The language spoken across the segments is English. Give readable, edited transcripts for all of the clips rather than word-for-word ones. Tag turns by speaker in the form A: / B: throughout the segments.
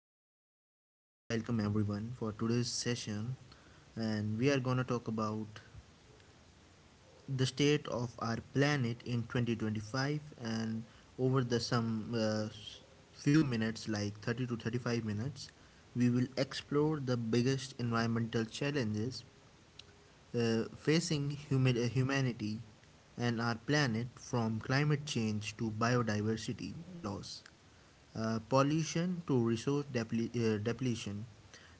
A: like I just want to welcome everyone for today's session, and we are gonna talk about the state of our planet in 2025 and over the few minutes, like 30 to 35 minutes, we will explore the biggest environmental challenges facing humanity and our planet from climate change to biodiversity loss, pollution to resource depletion.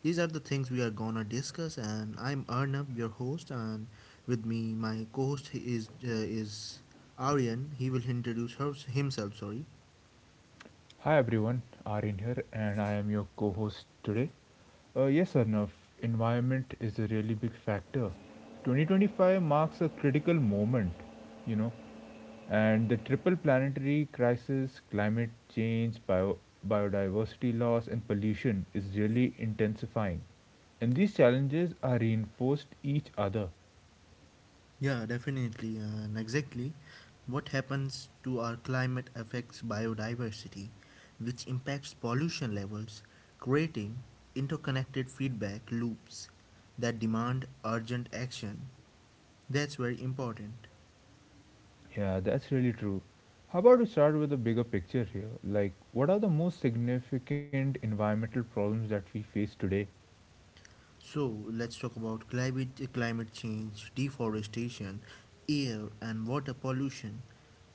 A: These are the things we are gonna discuss, and I'm Arnab, your host, and with me, my co-host is Aryan. He will introduce himself. Sorry.
B: Hi everyone, Arin here, and I am your co host today. Yes, Arnav, environment is a really big factor. 2025 marks a critical moment, you know, and the triple planetary crisis, climate change, biodiversity loss, and pollution is really intensifying. And these challenges are reinforced each other.
A: Yeah, definitely and exactly. What happens to our climate affects biodiversity, which impacts pollution levels, creating interconnected feedback loops that demand urgent action. That's very important.
B: Yeah, that's really true. How about we start with a bigger picture here? Like, what are the most significant environmental problems that we face today?
A: So let's talk about climate, climate change, deforestation, air and water pollution,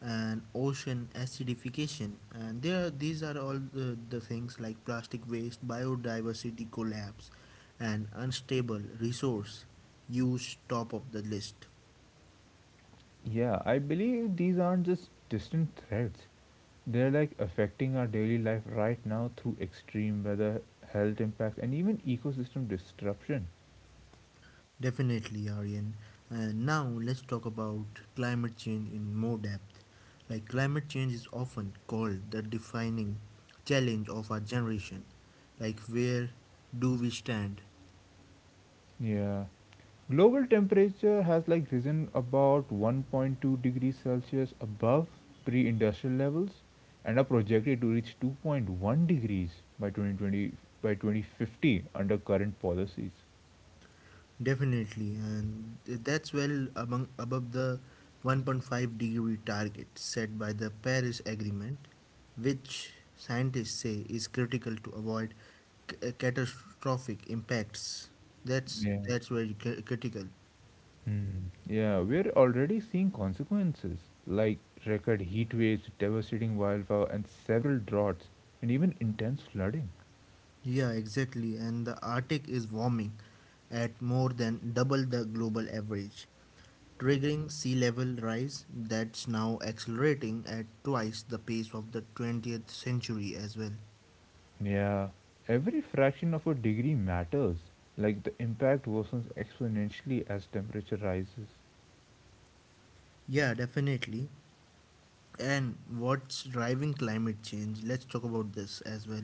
A: and ocean acidification. And there, these are all the things like plastic waste, biodiversity collapse, and unstable resource use. Top of the list.
B: Yeah, I believe these aren't just distant threats. They're like affecting our daily life right now through extreme weather, health impacts, and even ecosystem disruption.
A: Definitely, Aryan. And now let's talk about climate change in more depth. Like, climate change is often called the defining challenge of our generation. Like, where do we stand?
B: Yeah. Global temperature has like risen about 1.2 degrees Celsius above pre-industrial levels and are projected to reach 2.1 degrees by 2020 by 2050 under current policies.
A: Definitely, and that's well among, above the 1.5-degree target set by the Paris Agreement, which scientists say is critical to avoid catastrophic impacts. That's
B: Yeah.
A: that's very critical.
B: Hmm. Yeah, we're already seeing consequences like record heat waves, devastating wildfire and several droughts and even intense flooding.
A: Yeah, exactly. And the Arctic is warming at more than double the global average, triggering sea level rise that's now accelerating at twice the pace of the 20th century as well.
B: Yeah, every fraction of a degree matters. Like the impact worsens exponentially as temperature rises.
A: Yeah, definitely. And what's driving climate change? Let's talk about this as well.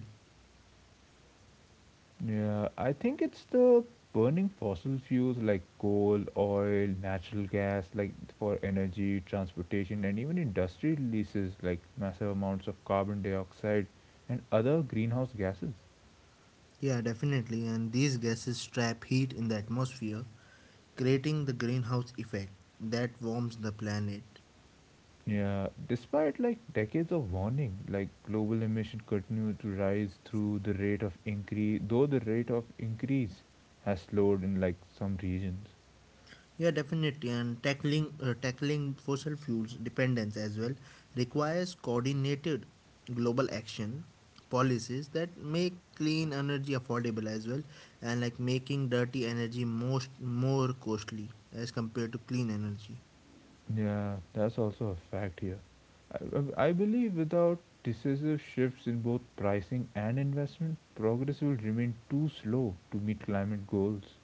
B: Yeah, I think it's the burning fossil fuels like coal, oil, natural gas, like for energy, transportation, and even industry releases like massive amounts of carbon dioxide and other greenhouse gases.
A: Yeah, definitely. And these gases trap heat in the atmosphere, creating the greenhouse effect that warms the planet.
B: Yeah, despite like decades of warning, like global emission continue to rise through the rate of increase, though the rate of increase has slowed in like some regions.
A: Yeah, definitely. And tackling fossil fuels dependence as well requires coordinated global action policies that make clean energy affordable as well and like making dirty energy most more costly as compared to clean energy.
B: Yeah, that's also a fact here. I believe without decisive shifts in both pricing and investment, progress will remain too slow to meet climate goals.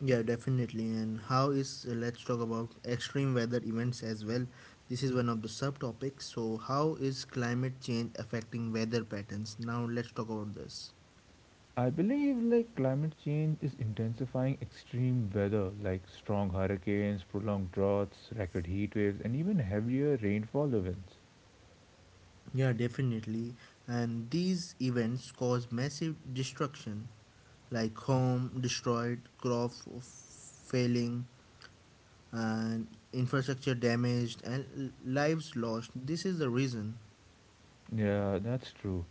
A: Yeah, definitely. And how is let's talk about extreme weather events as well. This is one of the subtopics. So, how is climate change affecting weather patterns? Now, let's talk about this.
B: I believe like climate change is intensifying extreme weather like strong hurricanes, prolonged droughts, record heat waves, and even heavier rainfall events.
A: Yeah, definitely. And these events cause massive destruction, like home destroyed, crop failing, and infrastructure damaged, and lives lost. This is the reason.
B: Yeah, that's true.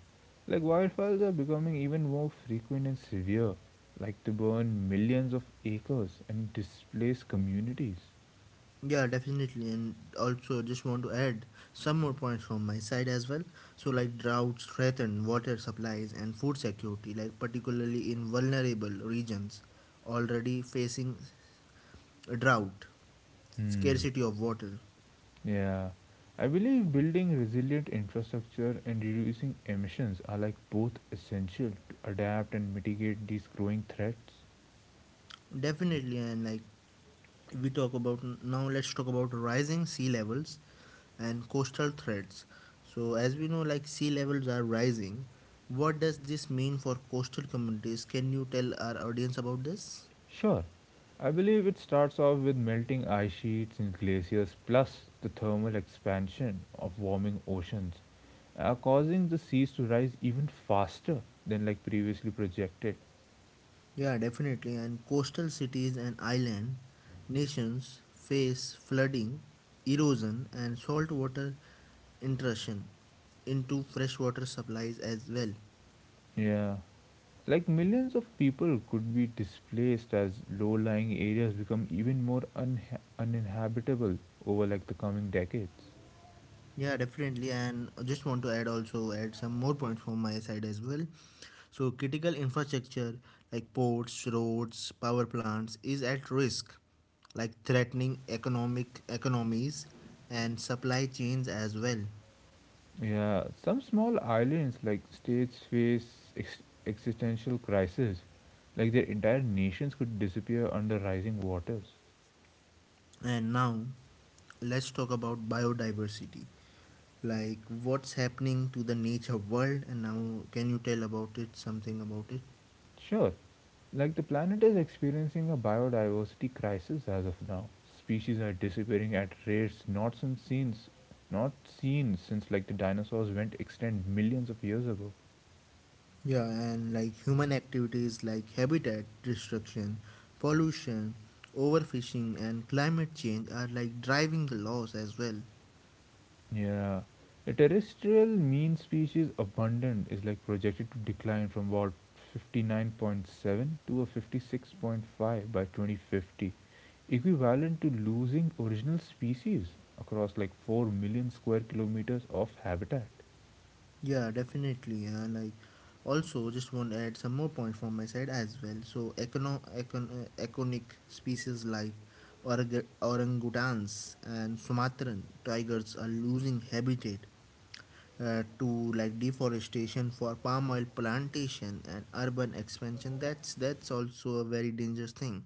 B: Like wildfires are becoming even more frequent and severe, like to burn millions of acres and displace communities.
A: Yeah, definitely. And also, just want to add some more points from my side as well. So, like droughts threaten water supplies and food security, like particularly in vulnerable regions already facing drought
B: Hmm.
A: scarcity of water.
B: Yeah. I believe building resilient infrastructure and reducing emissions are like both essential to adapt and mitigate these growing threats.
A: Definitely, and like we talk about now, let's talk about rising sea levels and coastal threats. So, as we know, like sea levels are rising. What does this mean for coastal communities? Can you tell our audience about this?
B: Sure. I believe it starts off with melting ice sheets and glaciers, plus the thermal expansion of warming oceans, causing the seas to rise even faster than like previously projected.
A: Yeah, definitely. And coastal cities and island nations face flooding, erosion, and saltwater intrusion into freshwater supplies as well.
B: Yeah. Like millions of people could be displaced as low-lying areas become even more unha uninhabitable over like the coming decades.
A: Yeah, definitely. And I just want to add also add some more points from my side as well. So critical infrastructure like ports, roads, power plants is at risk, like threatening economic economies and supply chains as well.
B: Yeah, some small islands like states face existential crisis, like their entire nations could disappear under rising waters.
A: And now let's talk about biodiversity. Like, what's happening to the nature world, and now can you tell about it, something about it?
B: Sure, like the planet is experiencing a biodiversity crisis as of now. Species are disappearing at rates not seen since like the dinosaurs went extinct millions of years ago.
A: Yeah, and like human activities like habitat destruction, pollution, overfishing, and climate change are like driving the laws as well.
B: Yeah. The terrestrial mean species abundant is like projected to decline from about 59.7 to a 56.5 by 2050, equivalent to losing original species across like 4 million square kilometers of habitat.
A: Yeah, definitely. And like also, just want to add some more points from my side as well. So, iconic species like orangutans and Sumatran tigers are losing habitat to like deforestation for palm oil plantation and urban expansion. That's also a very dangerous thing.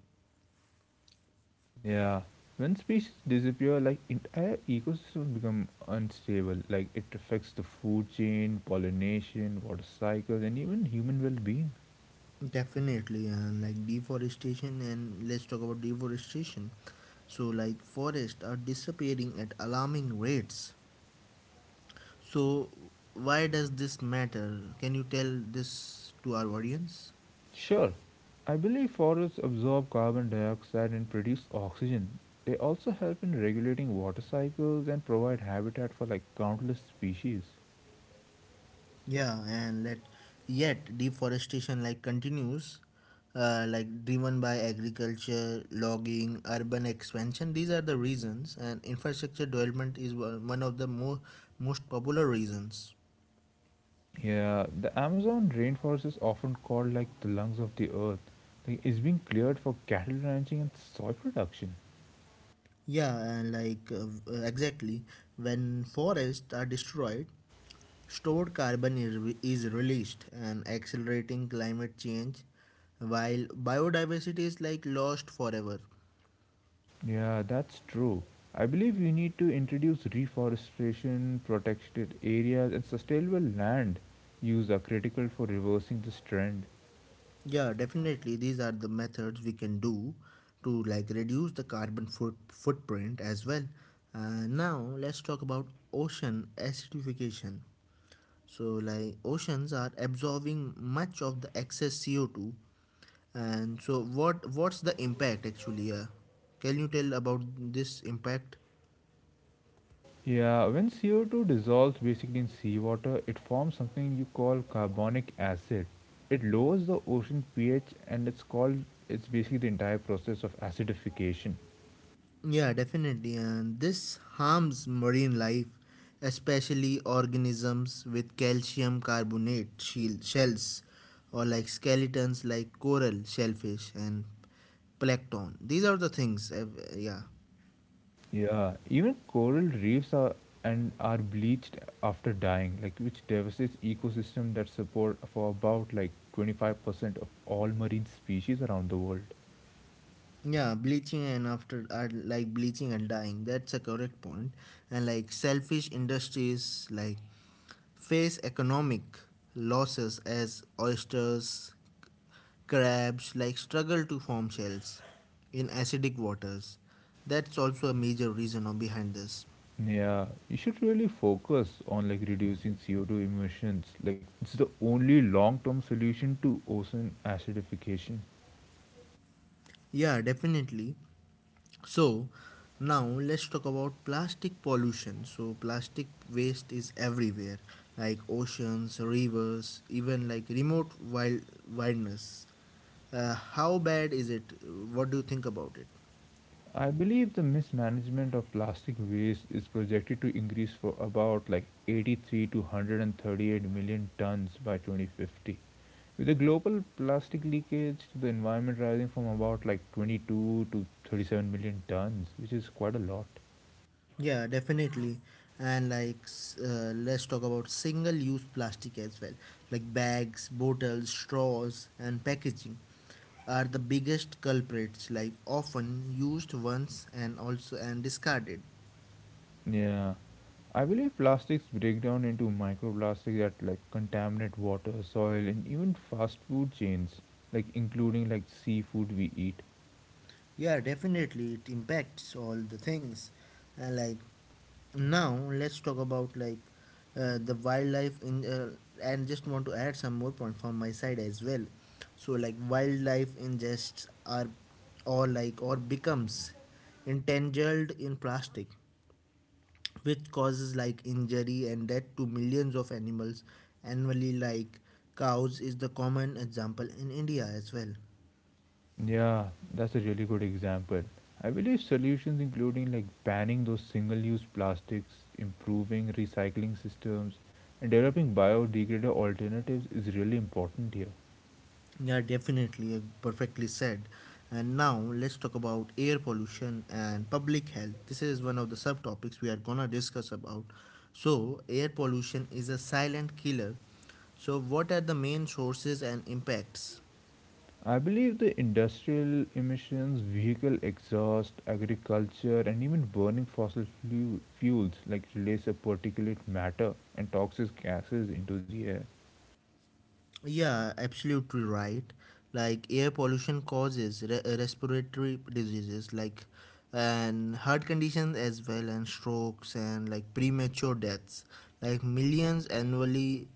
B: Yeah. When species disappear, like entire ecosystems become unstable. Like it affects the food chain, pollination, water cycles, and even human well-being.
A: Definitely, and like deforestation, and let's talk about deforestation. So like forests are disappearing at alarming rates. So why does this matter? Can you tell this to our audience?
B: Sure, I believe forests absorb carbon dioxide and produce oxygen. They also help in regulating water cycles and provide habitat for like countless species.
A: Yeah, and let yet deforestation like continues, like driven by agriculture, logging, urban expansion. These are the reasons, and infrastructure development is one of the more most popular reasons.
B: Yeah, the Amazon rainforest is often called like the lungs of the earth. Like it's being cleared for cattle ranching and soy production.
A: Yeah, and exactly, when forests are destroyed, stored carbon is released and accelerating climate change, while biodiversity is like lost forever.
B: Yeah, that's true. I believe we need to introduce reforestation, protected areas, and sustainable land use are critical for reversing this trend.
A: Yeah, definitely. These are the methods we can do to like reduce the carbon footprint as well. Now let's talk about ocean acidification. So like oceans are absorbing much of the excess CO2, and so what's the impact actually? Can you tell about this impact?
B: Yeah, when CO2 dissolves basically in seawater, it forms something you call carbonic acid. It lowers the ocean pH and it's basically the entire process of acidification.
A: Yeah, definitely. And this harms marine life, especially organisms with calcium carbonate shells or like skeletons like coral, shellfish, and plankton. These are the things. Yeah.
B: Yeah, even coral reefs are and are bleached after dying, like which devastates ecosystem that support for about like 25% of all marine species around the world.
A: Yeah, bleaching and after are like bleaching and dying. That's a correct point. And like selfish industries like face economic losses as oysters, crabs like struggle to form shells in acidic waters. That's also a major reason of behind this.
B: Yeah, you should really focus on like reducing CO2 emissions. Like it's the only long-term solution to ocean acidification.
A: Yeah, definitely. So, now let's talk about plastic pollution. So, plastic waste is everywhere, like oceans, rivers, even like remote wilderness. How bad is it? What do you think about it?
B: I believe the mismanagement of plastic waste is projected to increase for about like 83 to 138 million tons by 2050. With the global plastic leakage to the environment rising from about like 22 to 37 million tons, which is quite a lot.
A: Yeah, definitely. And let's talk about single use plastic as well. Like bags, bottles, straws, and packaging are the biggest culprits, like often used once and also and discarded.
B: Yeah. I believe plastics break down into microplastics that like contaminate water, soil, and even fast food chains, like including like seafood we eat.
A: Yeah, definitely it impacts all the things. And like now, let's talk about the wildlife in and just want to add some more point from my side as well. So like wildlife ingests are or like or becomes entangled in plastic, which causes like injury and death to millions of animals annually. Like cows is the common example in India as well.
B: Yeah, that's a really good example. I believe solutions including like banning those single-use plastics, improving recycling systems, and developing biodegradable alternatives is really important here.
A: Yeah, definitely. Perfectly said. And now let's talk about air pollution and public health. This is one of the subtopics we are gonna discuss about. So, air pollution is a silent killer. So, what are the main sources and impacts?
B: I believe the industrial emissions, vehicle exhaust, agriculture, and even burning fossil fuels like release a particulate matter and toxic gases into the air.
A: Yeah, absolutely right. Like air pollution causes respiratory diseases like and heart conditions as well and strokes and like premature deaths. Like millions annually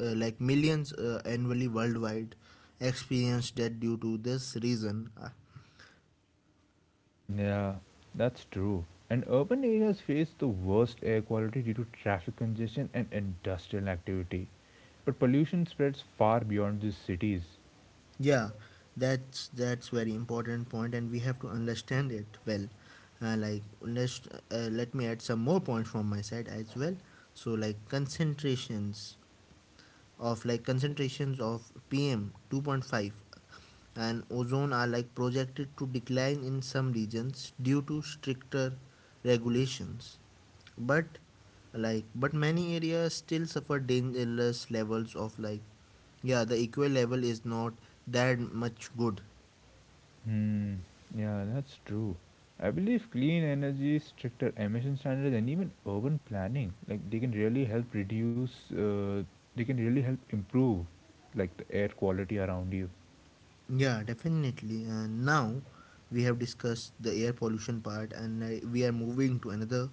A: uh, like millions annually worldwide experience death due to this reason.
B: Yeah, that's true. And urban areas face the worst air quality due to traffic congestion and industrial activity. But pollution spreads far beyond the cities.
A: Yeah, that's very important point, and we have to understand it well. Like let me add some more points from my side as well. So like concentrations of PM 2.5 and ozone are like projected to decline in some regions due to stricter regulations, but but many areas still suffer dangerous levels of like, yeah, the equal level is not that much good.
B: Hmm. Yeah, that's true. I believe clean energy, stricter emission standards, and even urban planning, like they can really help reduce. They can really help improve, like the air quality around you.
A: Yeah, definitely. Now we have discussed the air pollution part, and we are moving to another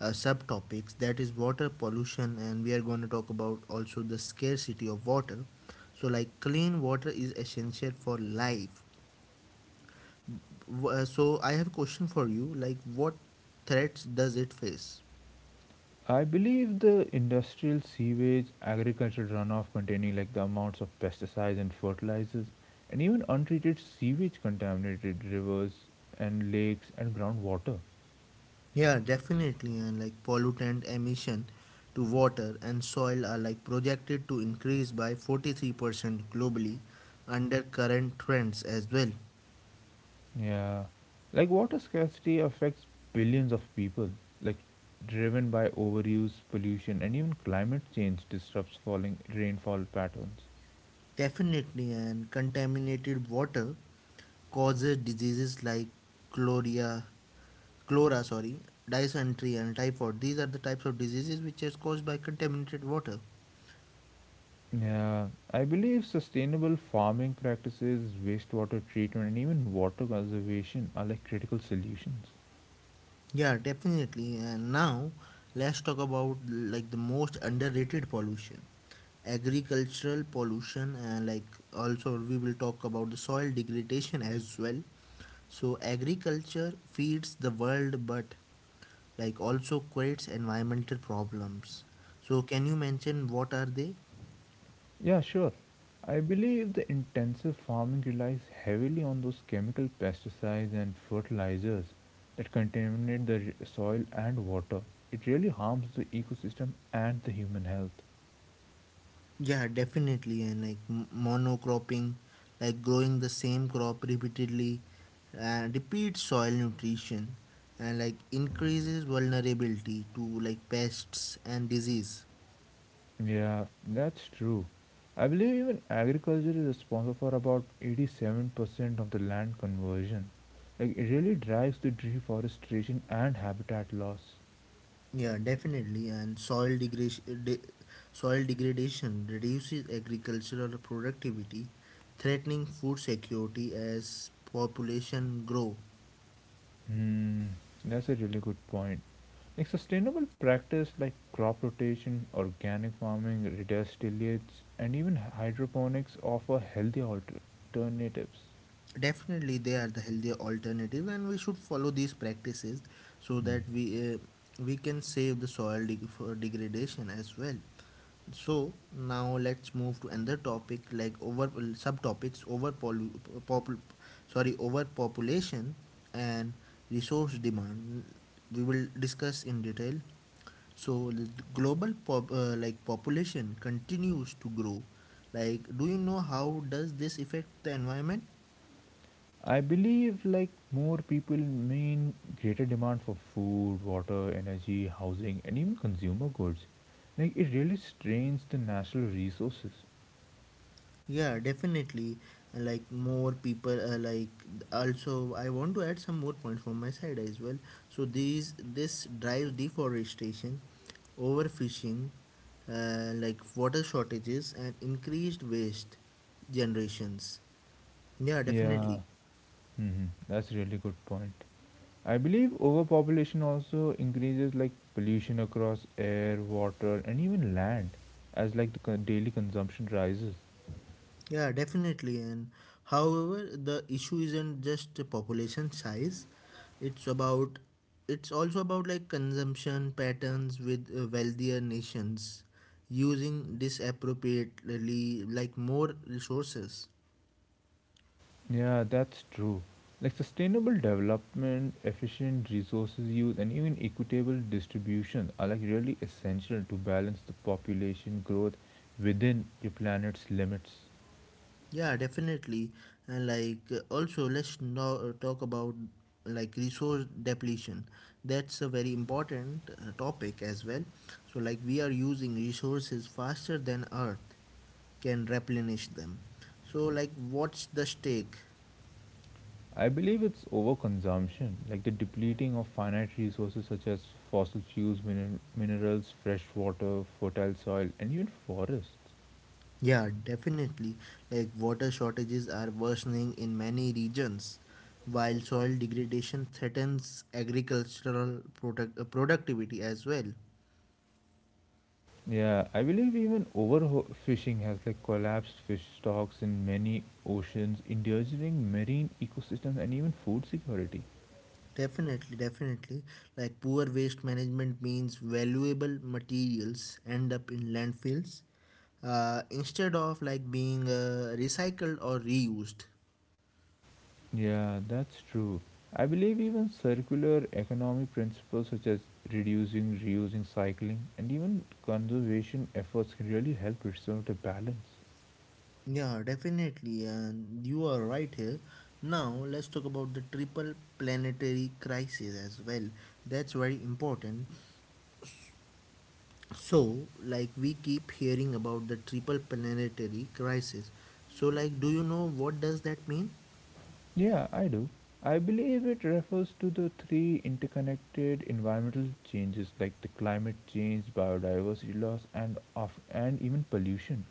A: subtopics that is water pollution, and we are going to talk about also the scarcity of water. So, like clean water is essential for life. So, I have a question for you. Like, what threats does it face?
B: I believe the industrial sewage, agricultural runoff containing like the amounts of pesticides and fertilizers, and even untreated sewage contaminated rivers and lakes and groundwater.
A: Yeah, definitely. And like pollutant emission to water and soil are like projected to increase by 43% globally under current trends as well.
B: Yeah. Like water scarcity affects billions of people, like driven by overuse, pollution, and even climate change disrupts falling rainfall patterns.
A: Definitely, and contaminated water causes diseases like chloria, chlora, sorry, dysentery and typhoid. These are the types of diseases which is caused by contaminated water.
B: Yeah, I believe sustainable farming practices, wastewater treatment, and even water conservation are like critical solutions.
A: Yeah, definitely. And now let's talk about like the most underrated pollution, agricultural pollution, and like also we will talk about the soil degradation as well. So agriculture feeds the world, but like also creates environmental problems. So can you mention what are they?
B: Yeah, sure. I believe the intensive farming relies heavily on those chemical pesticides and fertilizers that contaminate the soil and water. It really harms the ecosystem and the human health.
A: Yeah, definitely. And like monocropping, like growing the same crop repeatedly, repeat soil nutrition, and like increases vulnerability to like pests and disease.
B: Yeah, that's true. I believe even agriculture is responsible for about 87% of the land conversion. Like, it really drives the deforestation and habitat loss.
A: Yeah, definitely. And soil degradation reduces agricultural productivity, threatening food security as population grow.
B: Hmm, that's a really good point. Like sustainable practice like crop rotation, organic farming, reduced tillage, and even hydroponics offer healthy alternatives.
A: Definitely, they are the healthier alternative, and we should follow these practices so
B: Hmm.
A: that we can save the soil deg- for degradation as well. So now let's move to another topic like over subtopics, over popul- sorry overpopulation and resource demand. We will discuss in detail. So the global population continues to grow. Like, do you know how does this affect the environment?
B: I believe like more people mean greater demand for food, water, energy, housing, and even consumer goods. Like it really strains the natural resources.
A: Yeah, definitely. Like more people, like also, I want to add some more points from my side as well. So these this drives deforestation, overfishing, like water shortages and increased waste generations. Yeah,
B: Yeah,
A: definitely.
B: hmm that's a really good point. I believe overpopulation also increases like pollution across air, water, and even land as like the daily consumption rises.
A: Yeah, definitely. And however, the issue isn't just the population size. It's about it's also about like consumption patterns with wealthier nations using disappropriately like more resources.
B: Yeah, that's true. Like sustainable development, efficient resources use, and even equitable distribution are like really essential to balance the population growth within your planet's limits.
A: Yeah, definitely. And also let's now talk about like resource depletion. That's a very important topic as well. So like we are using resources faster than Earth can replenish them. So like what's the stake?
B: I believe it's overconsumption, like the depleting of finite resources such as fossil fuels, minerals, fresh water, fertile soil, and even forests.
A: Yeah, definitely. Like water shortages are worsening in many regions while soil degradation threatens productivity as well.
B: Yeah, I believe even overfishing has like collapsed fish stocks in many oceans, endangering marine ecosystems and even food security.
A: Definitely, definitely. Like poor waste management means valuable materials end up in landfills, instead of like being recycled or reused.
B: Yeah, that's true. I believe even circular economy principles such as reducing, reusing, cycling, and even conservation efforts can really help restore the balance.
A: Yeah, definitely, and you are right here. Now let's talk about the triple planetary crisis as well. That's very important. So, we keep hearing about the triple planetary crisis. So, do you know what does that mean?
B: Yeah, I do. I believe it refers to the three interconnected environmental changes like the climate change, biodiversity loss, and even pollution.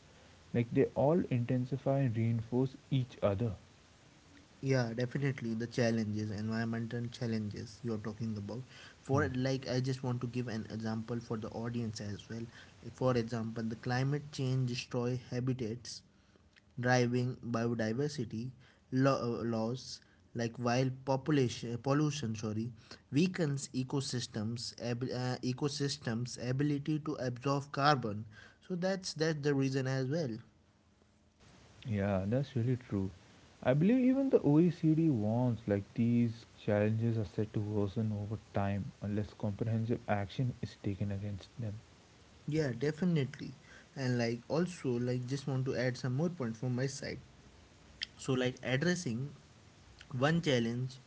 B: Like they all intensify and reinforce each other.
A: Yeah, definitely the challenges, environmental challenges you're talking about.
B: Hmm.
A: I just want to give an example for the audience as well. Like, for example, the climate change destroy habitats, driving biodiversity loss. Like while population pollution, sorry, weakens ecosystems, ecosystems ability to absorb carbon. So that's the reason as well.
B: Yeah, that's really true. I believe even the OECD warns like these challenges are set to worsen over time unless comprehensive action is taken against them.
A: Yeah, definitely. And also just want to add some more point from my side. So like addressing one challenge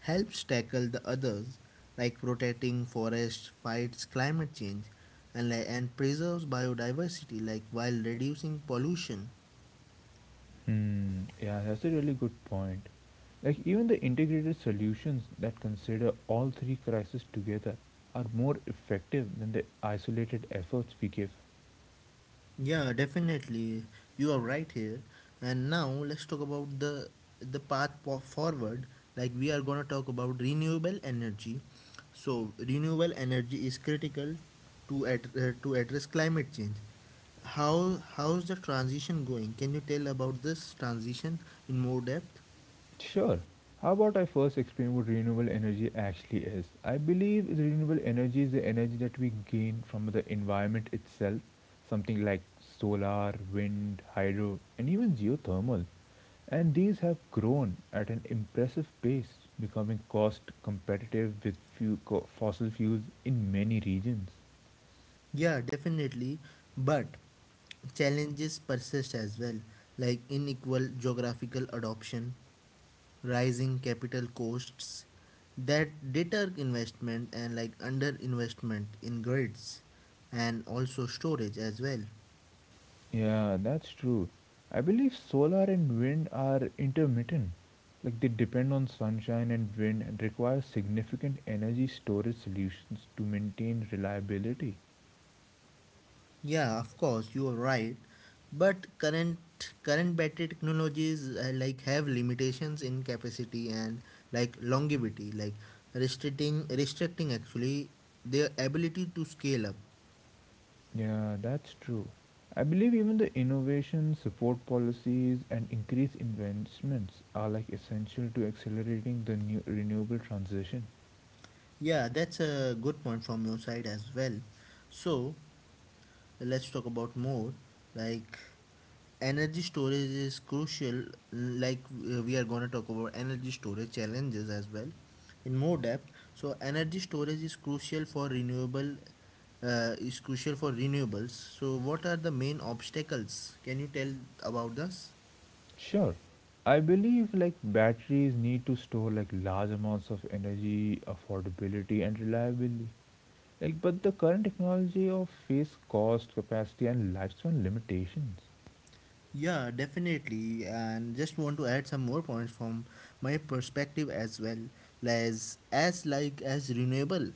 A: helps tackle the others, like protecting forests fights climate change and preserves biodiversity, like while reducing pollution.
B: Hmm. Yeah, that's a really good point. Like even the integrated solutions that consider all three crises together are more effective than the isolated efforts we give.
A: Yeah, definitely. You are right here. And now let's talk about the forward. Like we are gonna talk about renewable energy. So renewable energy is critical to address climate change. How's the transition going? Can you tell about this transition in more depth?
B: Sure. How about I first explain what renewable energy actually is? I believe the renewable energy is the energy that we gain from the environment itself, something like solar, wind, hydro, and even geothermal. And these have grown at an impressive pace, becoming cost competitive with fossil fuels in many regions.
A: Yeah, definitely. But challenges persist as well, like unequal geographical adoption, rising capital costs that deter investment, and like underinvestment in grids and also storage as well.
B: Yeah, that's true. I believe solar and wind are intermittent. Like they depend on sunshine and wind and require significant energy storage solutions to maintain reliability.
A: Yeah, of course you are right, but current battery technologies like have limitations in capacity and like longevity, like restricting actually their ability to scale up.
B: Yeah, that's true. I believe even the innovation, support policies, and increased investments are like essential to accelerating the new renewable transition.
A: Yeah, that's a good point from your side as well. So, let's talk about more, like energy storage is crucial. like we are going to talk about energy storage challenges as well in more depth. So energy storage is crucial for renewable is crucial for renewables. So what are the main obstacles? Can you tell about this?
B: Sure. I believe like batteries need to store like large amounts of energy, affordability and reliability. Like, but the current technology of face cost, capacity, and lifespan limitations.
A: Yeah, definitely. And just want to add some more points from my perspective as well. As renewable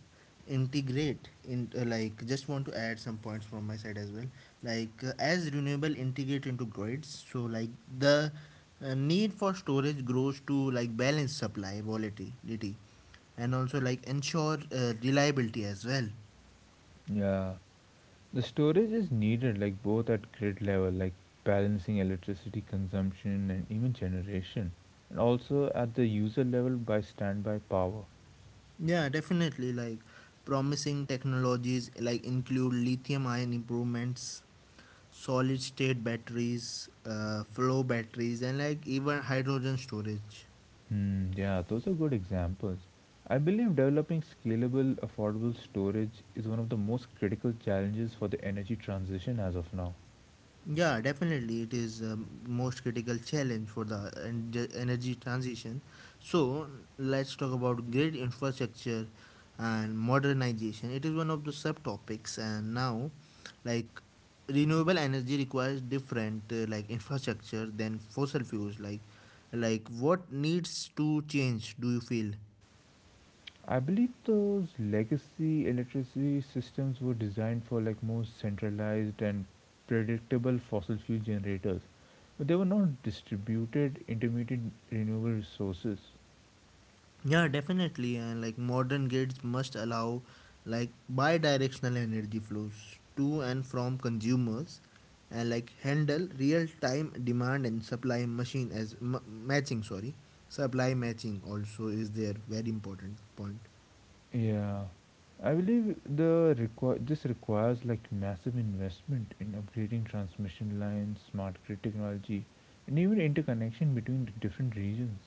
A: integrate in like just want to add some points from my side as well. Like as renewable integrate into grids, so like the need for storage grows to like balance supply volatility and also like ensure reliability as well.
B: Yeah, the storage is needed like both at grid level, like balancing electricity consumption and even generation, and also at the user level by standby power.
A: Yeah, definitely. Like promising technologies include lithium ion improvements, solid state batteries, flow batteries, and like even hydrogen storage.
B: Hmm, yeah, those are good examples. I believe developing scalable, affordable storage is one of the most critical challenges for the energy transition as of now.
A: Yeah, definitely, it is most critical challenge for the energy transition. So let's talk about grid infrastructure and modernization. It is one of the subtopics, and now, like renewable energy requires different like infrastructure than fossil fuels. Like what needs to change? Do you feel?
B: I believe those legacy electricity systems were designed for like more centralized and predictable fossil fuel generators, but they were not distributed intermittent renewable resources.
A: Yeah, definitely. And like modern grids must allow like bi-directional energy flows to and from consumers, and like handle real-time demand and supply matching, sorry. Supply matching also is there, very important point.
B: Yeah, I believe this requires like massive investment in upgrading transmission lines, smart grid technology, and even interconnection between the different regions.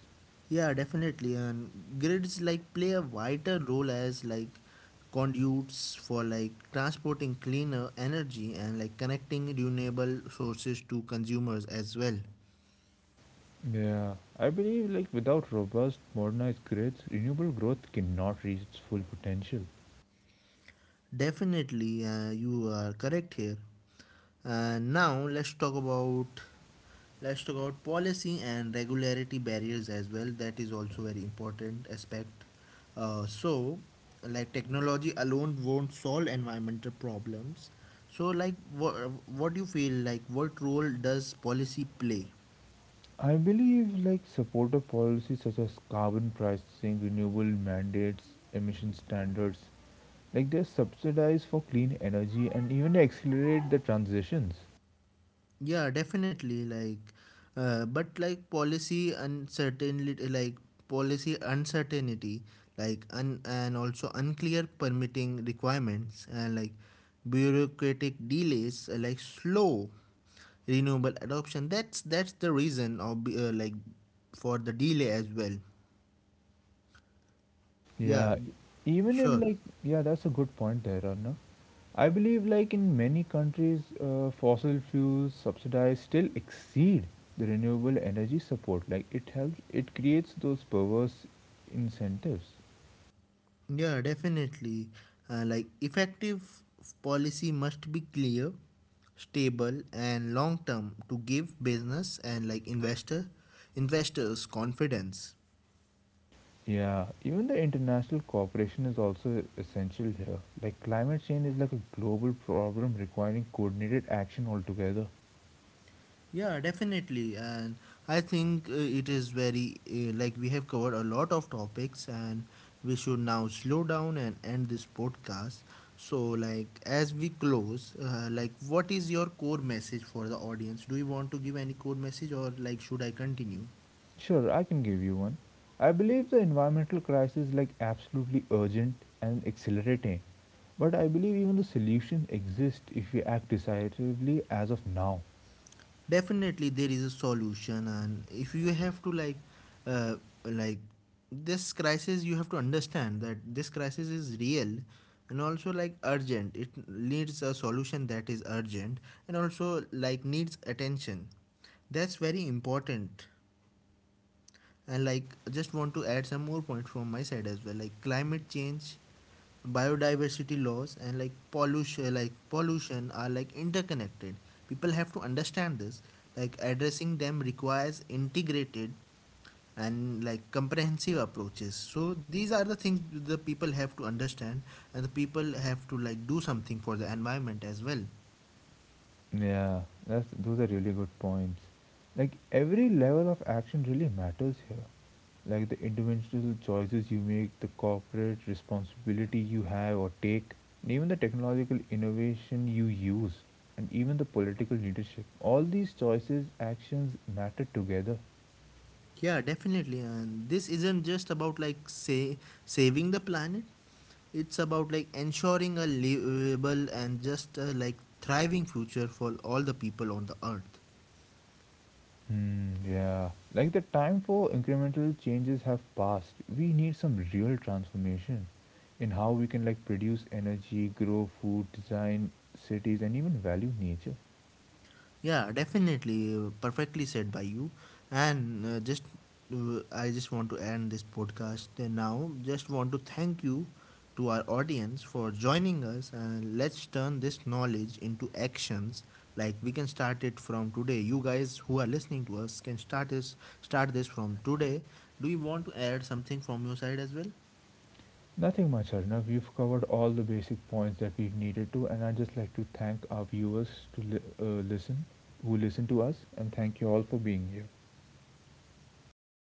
A: Yeah, definitely. And grids like play a vital role as like conduits for like transporting cleaner energy and like connecting renewable sources to consumers as well.
B: Yeah, I believe like without robust modernized grids, renewable growth cannot reach its full potential.
A: Definitely, you are correct here. And now let's talk about policy and regularity barriers as well. That is also very important aspect. So, like technology alone won't solve environmental problems. So, like, what do you feel like? What role does policy play?
B: I believe like supportive policies such as carbon pricing, renewable mandates, emission standards, like they subsidize for clean energy and even accelerate the transitions.
A: Yeah, definitely. Like, but like policy uncertainty, like and also unclear permitting requirements and like bureaucratic delays, like slow renewable adoption. That's the reason of like for the delay as well. Yeah,
B: Yeah, e- even in
A: sure.
B: like yeah, that's a good point there, Anna. I believe, like in many countries, fossil fuels subsidies still exceed the renewable energy support. Like it helps, it creates those perverse incentives.
A: Yeah, definitely. Like effective policy must be clear, stable, and long term to give business and like investors confidence.
B: Yeah, even the international cooperation is also essential here. Like climate change is like a global problem requiring coordinated action altogether.
A: Yeah, definitely. And I think it is very like we have covered a lot of topics, and we should now slow down and end this podcast. So like as we close, like what is your core message for the audience? Do you want to give any core message or like should I continue?
B: Sure, I can give you one. I believe the environmental crisis is like absolutely urgent and accelerating, but I believe even the solutions exist if we act decisively as of now.
A: Definitely there is a solution. And if you have to uh, like, this crisis, you have to understand that this crisis is real and also like urgent. It needs a solution that is urgent and also like needs attention. That's very important. And like just want to add some more points from my side as well. Like climate change, biodiversity loss, and like pollution are like interconnected. People have to understand this. Like addressing them requires integrated and like comprehensive approaches. So these are the things the people have to understand, and the people have to like do something for the environment as well.
B: Yeah, that's those are really good points. Like every level of action really matters here. Like the individual choices you make, the corporate responsibility you have or take, and even the technological innovation you use, and even the political leadership. All these choices, actions matter together.
A: Yeah, definitely. And this isn't just about like say saving the planet. It's about like ensuring a livable and just like thriving future for all the people on the earth.
B: Hmm, yeah. Like the time for incremental changes have passed. We need some real transformation in how we can like produce energy, grow food, design cities and even value nature.
A: Yeah, definitely. Perfectly said by you. And I just want to end this podcast and now. Just want to thank you to our audience for joining us. And let's turn this knowledge into actions. Like we can start it from today. You guys who are listening to us can start this from today. Do you want to add something from your side as well?
B: Nothing much, Arnav. We've covered all the basic points that we've needed to and I'd just like to thank our viewers to listen who listen to us and thank you all for being here.